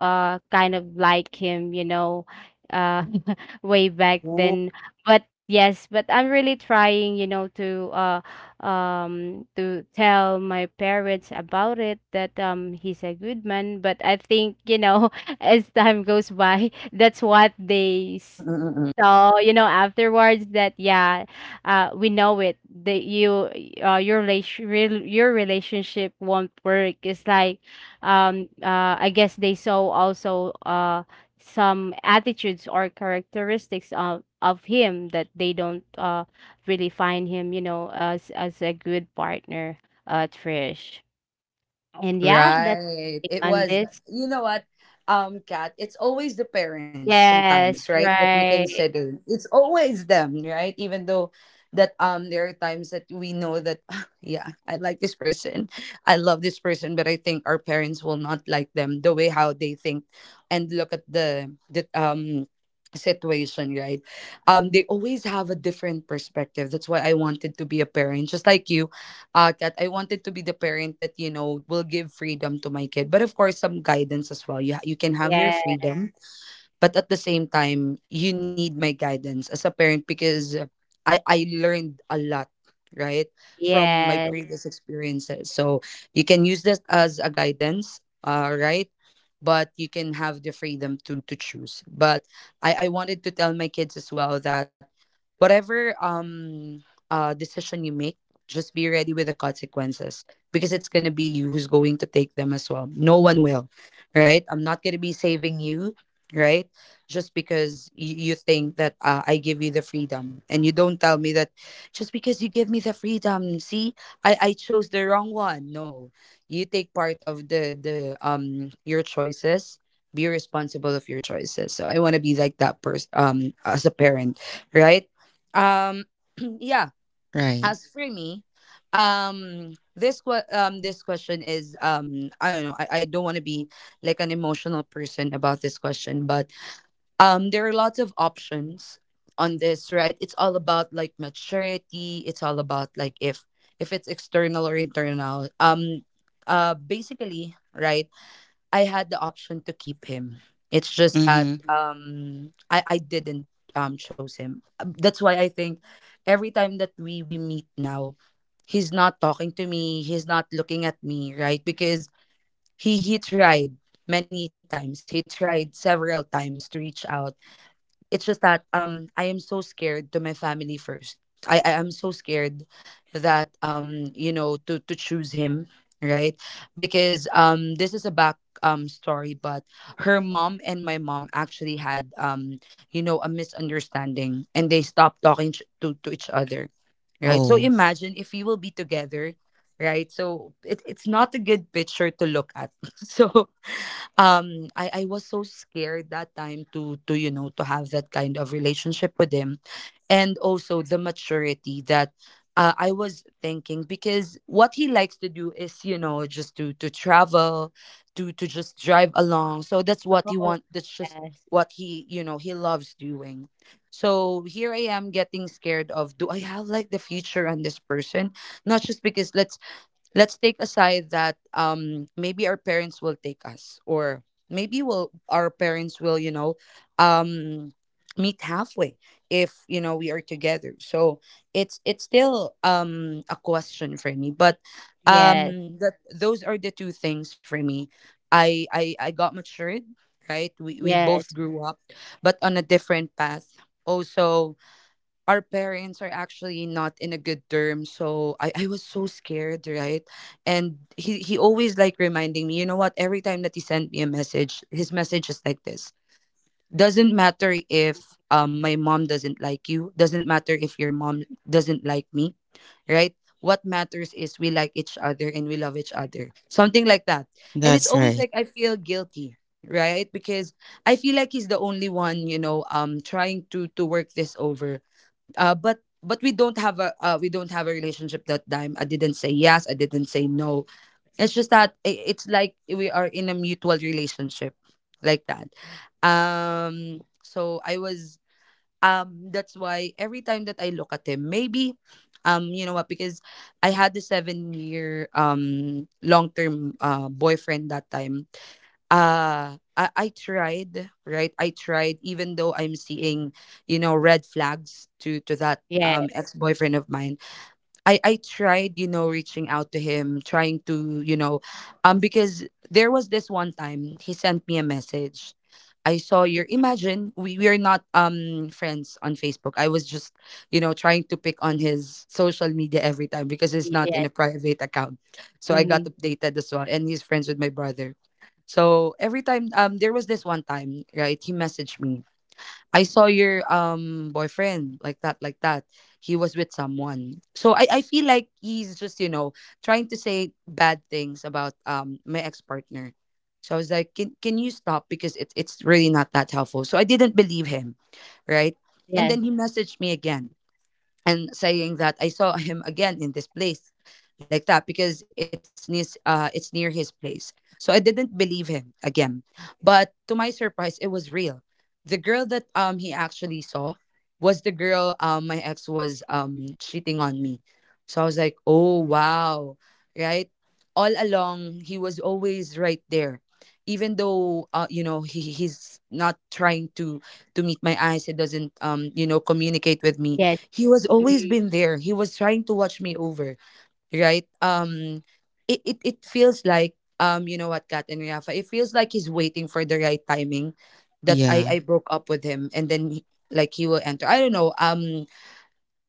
kind of like him, you know, uh [laughs] way back Ooh. then. But yes, but I'm really trying, you know, to tell my parents about it that he's a good man, but I think, you know, [laughs] as time goes by, [laughs] that's what they Mm-mm-mm. saw, you know, afterwards that yeah, we know it that you uh your relation your relationship won't work. It's like I guess they saw also some attitudes or characteristics of him that they don't really find him, you know, as a good partner, Trish. And yeah, that's Right. it on this. You know what, Kat, it's always the parents sometimes, Yes, right? That we right. consider. It's always them, right? Even though that there are times that we know that [laughs] [sighs] yeah, I like this person. I love this person, but I think our parents will not like them the way how they think and look at the situation, right? They always have a different perspective. That's why I wanted to be a parent, just like you, that I wanted to be the parent that you know will give freedom to my kid. But of course, some guidance as well. You can have your Yes, freedom, but at the same time you need my guidance as a parent, because I learned a lot, right, from my yes. previous experiences. So you can use this as a guidance, right. But you can have the freedom to choose. But I wanted to tell my kids as well that whatever decision you make, just be ready with the consequences, because it's going to be you who's going to take them as well. No one will, right? I'm not going to be saving you, right? Just because you think that I give you the freedom, and you don't tell me that just because you give me the freedom, see, I chose the wrong one. No, you take part of the your choices. Be responsible of your choices. So I want to be like that person as a parent, right. um [clears throat] yeah. right. As for me, this this question is, I don't know, I don't want to be like an emotional person about this question, but there are lots of options on this, right. It's all about like maturity, it's all about like if it's external or internal, basically, right. I had the option to keep him. It's just Mm-hmm. that I didn't chose him. That's why I think every time that we meet now, he's not talking to me, he's not looking at me, right, because he tried many times, he tried several times to reach out. It's just that I am so scared to my family first. I am so scared that you know, to choose him, right? Because this is a back story, but her mom and my mom actually had you know, a misunderstanding, and they stopped talking to each other. Right? So Oh, imagine if you will be together, right? So it, it's not a good picture to look at. [laughs] So I was so scared that time to you know, to have that kind of relationship with him. And also the maturity that I was thinking, because what he likes to do is you know, just to travel, to just drive along. So that's what he Oh, want, that's just yes. what he, you know, he loves doing. So here I am getting scared of, do I have like the future on this person? Not just because, let's take aside that maybe our parents will take us, or maybe will our parents will you know, um meet halfway if you know we are together. So it's still a question for me. But Yes. That, those are the two things for me. I got matured, right. We both grew up, but on a different path also. Our parents are actually not in a good term, so I was so scared, right. And he always like reminding me, you know what, every time that he sent me a message, his message is like this: doesn't matter if my mom doesn't like you, doesn't matter if your mom doesn't like me, right? What matters is we like each other and we love each other, something like that. And it's that's always right. like I feel guilty, right, because I feel like he's the only one you know, trying to work this over. But we don't have a, we don't have a relationship that time. I didn't say yes, I didn't say no. It's just that it's like we are in a mutual relationship like that. So I was that's why every time that I look at him, maybe, you know what, because I had the 7 year long term boyfriend that time. I tried, right, I tried, even though I'm seeing, you know, red flags to that Yes. ex-boyfriend of mine. I tried, you know, reaching out to him, trying to, you know, because there was this one time he sent me a message. I saw your, imagine, we are not friends on Facebook. I was just, you know, trying to pick on his social media every time, because it's Yes. y- not in Yes. a private account. So I got Hmm. updated as well, and he's friends with my brother. So every time, there was this one time, right, he messaged me, I saw your boyfriend like that, like that. He was with someone. So I feel like he's just, you know, trying to say bad things about my ex partner. So I was like, can you stop? Because it's really not that helpful. So I didn't believe him, right? And then he Yes. messaged me again and saying that I saw him again in this place like that, because it's near his place. So I didn't believe him again. But to my surprise, it was real. The girl that he actually saw was the girl my ex was cheating on me. So I was like, "Oh wow." Right? All along, he was always right there. Even though you know, he's not trying to meet my eyes, he doesn't you know, communicate with me, Yes. he was always Hmm. been there, he was trying to watch me over, right. It feels like you know what, Kat and Rafa, it feels like he's waiting for the right timing that I Yeah. broke up with him, and then he- like he will enter, I don't know.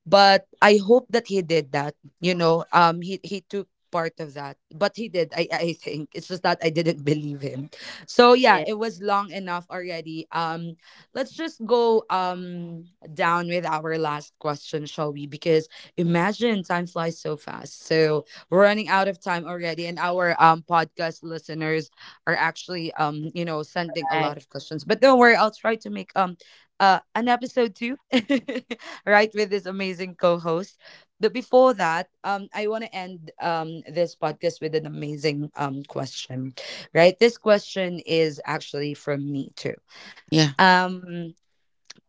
But I hope that he did that. You know, he took part of that, but he did. I think it's just that I didn't believe him. So yeah, it Yes. was long enough already. Let's just go down with our last question, shall we? Because imagine, time flies so fast. So we're running out of time already, and our podcast listeners are actually you know, sending a lot Right. of questions. But don't worry, I'll try to make an episode two. [laughs] Right, with this amazing co-host. But before that, I want to end this podcast with an amazing question, right? This question is actually from me too. Yeah. Um,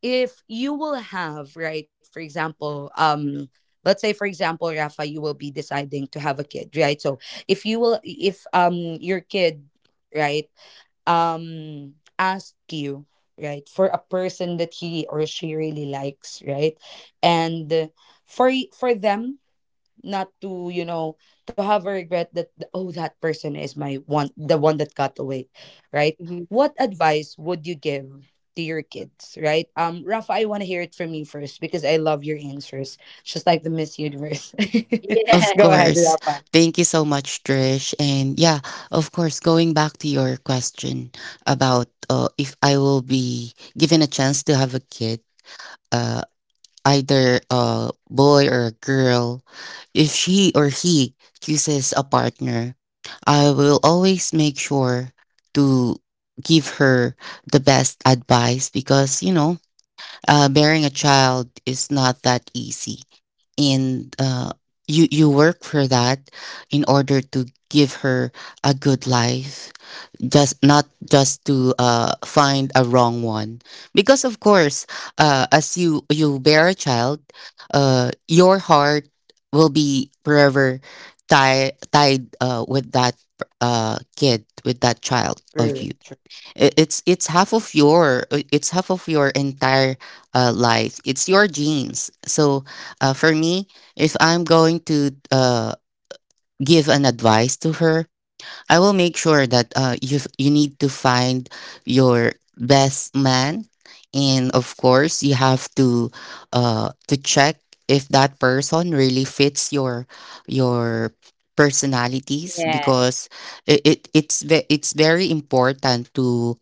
if you will have right, for example. Let's say, for example, Rafa, you will be deciding to have a kid, right? So, if you will, if your kid, right, um ask you, right, for a person that he or she really likes, right. And for them not to you know, to have a regret that, oh, that person is my one, the one that got away, right. Hmm. What advice would you give to your kids, right, Rafa, I want to hear it from you first, because I love your answers, just like the Miss Universe. [laughs] [laughs] Of Go Yes. ahead, course. Rafa. Thank you so much, Trish. And yeah, of course, going back to your question about if I will be given a chance to have a kid, uh, either a boy or a girl, if she or he chooses a partner, I will always make sure to give her the best advice because, you know, bearing a child is not that easy, and you work for that in order to give her a good life, just not just to find a wrong one. Because of course, as you bear a child, your heart will be forever tied with that kid, with that child of True, you. true, I- it's half of your it's half of your entire life, it's your genes. So for me, if I'm going to give an advice to her, I will make sure that you need to find your best man. And of course you have to check if that person really fits your personalities. Yes. Because it, it's very important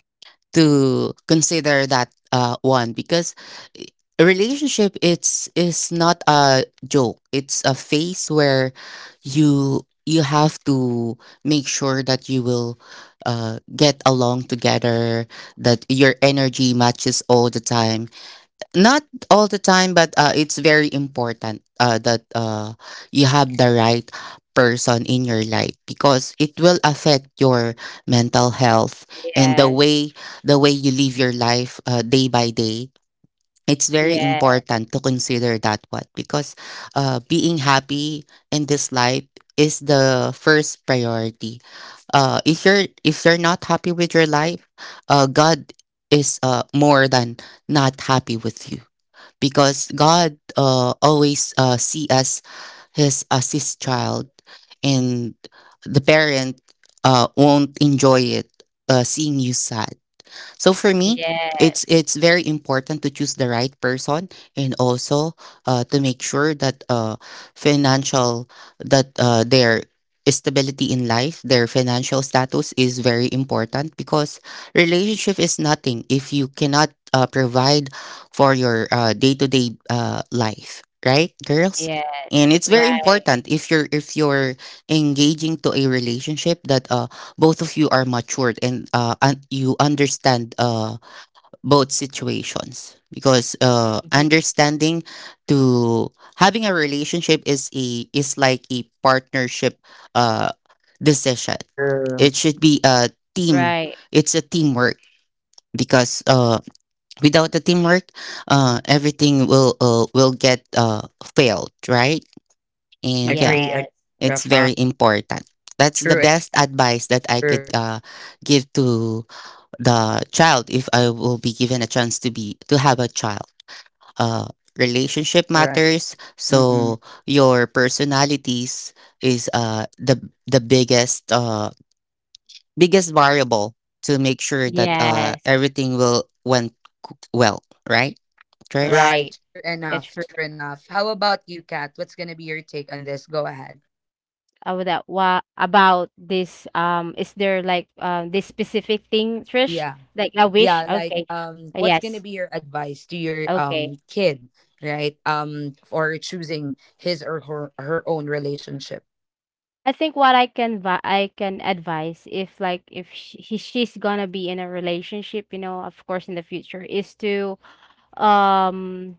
to consider that one, because a relationship, it's is not a joke, it's a phase where you have to make sure that you will get along together, that your energy matches all the time. Not all the time, but it's very important that you have the right person in your life, because it will affect your mental health and Yes, the way you live your life day by day. It's very yes, important to consider that one, because being happy in this life is the first priority. If you're, if you're not happy with your life, God is more than not happy with you, because God always see us his as his child, and the parent won't enjoy it seeing you sad. So for me, it's yes, it's very important to choose the right person. And also to make sure that financial that their stability in life, their financial status is very important, because relationship is nothing if you cannot provide for your day-to-day life, right, girls? And yes, it's very right, important if you're, if you're engaging to a relationship that both of you are matured and you understand both situations. Because mhm, understanding to having a relationship is a is like a partnership uh, decision. true. It should be a team, right, it's a teamwork, because without the teamwork everything will get failed, right? And yeah, Agree, agree, yes, it's Rafa. very important. That's the True. best advice that I And could give to the child if I will be given a chance to be to have a child. Uh Relationship right. matters. Mm-mm. So your personalities is the biggest biggest variable to make sure that yes, everything will well, right, Trish? right. Right. True That's enough. true. True enough. How about you, Kat? What's gonna be your take on this? Go ahead. About that, what about this? Is there like this specific thing, Trish? Yeah. Like a Yeah. wish? Like, Okay, what's gonna yes, be your advice to your okay. Kid, right? For choosing his or her, her own relationship. I think what I can I can advise if like if she, she's gonna be in a relationship, you know, of course in the future, is to um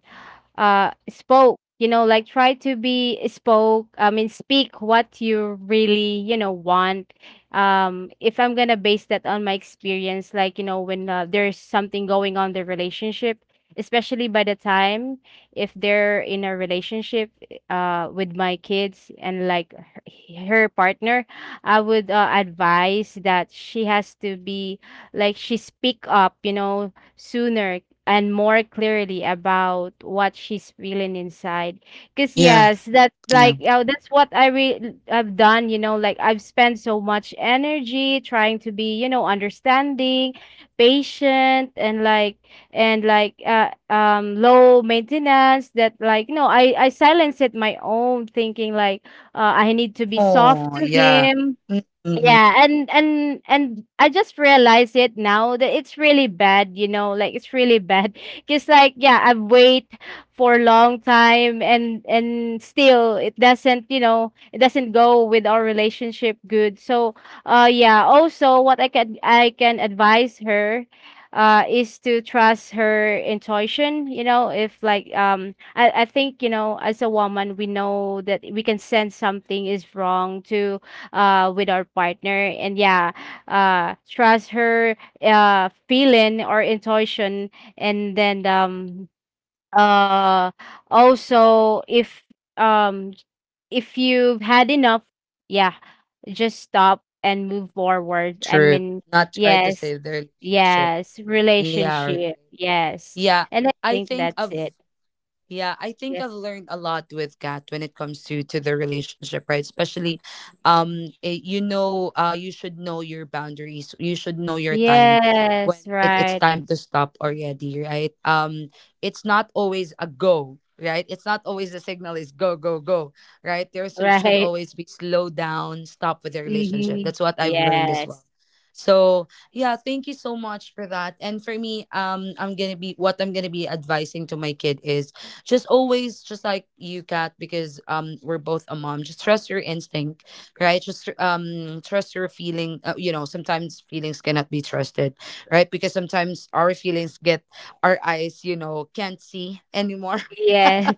spoke you know like try to be spoke I mean speak what you really you know want. If I'm gonna base that on my experience like you know when, there's something going on in the relationship, especially by the time, if they're in a relationship with my kids and like her, her partner, I would, advise that she has to be like, she speak up you know sooner and more clearly about what she's feeling inside. Cause Yeah, yes, that yeah, like oh, that's what I I've done. You know, like I've spent so much energy trying to be, you know, understanding, patient, and like low maintenance. That like no, I silence it my own thinking like, I need to be soft to Oh, yeah. him, Mm-mm. yeah, and I just realized it now that it's really bad, you know, like it's really bad. [laughs] Cause like yeah, I wait for a long time, and still it doesn't, you know, it doesn't go with our relationship good. So yeah, also what I can advise her is to trust her intuition, you know, if like I think, you know, as a woman we know that we can sense something is wrong to, with our partner. And yeah, trust her, feeling or intuition. And then uh, also, um, if you've had enough, yeah, just stop and move forward. I True. mean, Not try to yes, save the relationship. yes, Yeah. Right. relationship, yes. Yeah. And I I think think that's of. it. Yeah, I think I've Yes. learned a lot with Kat when it comes to the relationship, right? Especially, you know, you should know your boundaries. You should know your time Yes, when it's right, time to stop already, right? It's not always a go, right? It's not always the signal is go, go, go, right? There [laughs] should right. always be slow down, stop with the relationship. Mm-hmm. That's what I've learned as Yes. well. So yeah, thank you so much for that. And for me, I'm gonna be what I'm gonna be advising to my kid is just always, just like you, Cat, because we're both a mom. Just trust your instinct, right. Just trust your feeling. You know, sometimes feelings cannot be trusted, right, because sometimes our feelings get our eyes, you know, can't see anymore. Yes.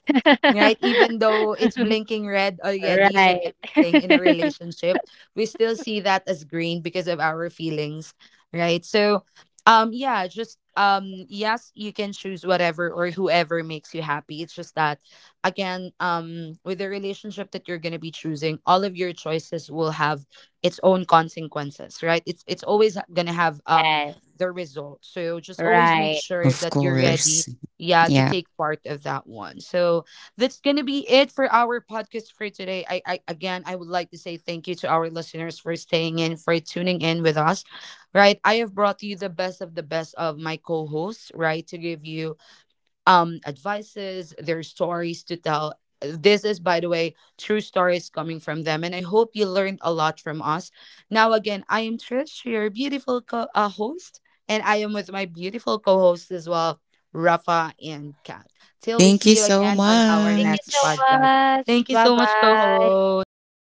Right? Even though [laughs] it's blinking red already with Right. everything in a [laughs] relationship, we still see that as green because of our feelings, right? So, yeah, just yes, you can choose whatever or whoever makes you happy. It's just that, again, with the relationship that you're gonna be choosing, all of your choices will have its own consequences, right? It's always gonna have Yes, the result. So just always make right. sure of that you're course. ready, yeah, to Yeah. take part of that one. So that's gonna be it for our podcast for today. I again, I would like to say thank you to our listeners for staying in, for tuning in with us. Right. I have brought you the best of my co-hosts, right, to give you advices, their stories to tell. This is, by the way, true stories coming from them. And I hope you learned a lot from us. Now, again, I am Trish, your beautiful host, and I am with my beautiful co host as well, Rafa and Kat. Till we Thank you see you so again on our Thank you next so much. podcast. Thank much. you so much, co Bye-bye. host.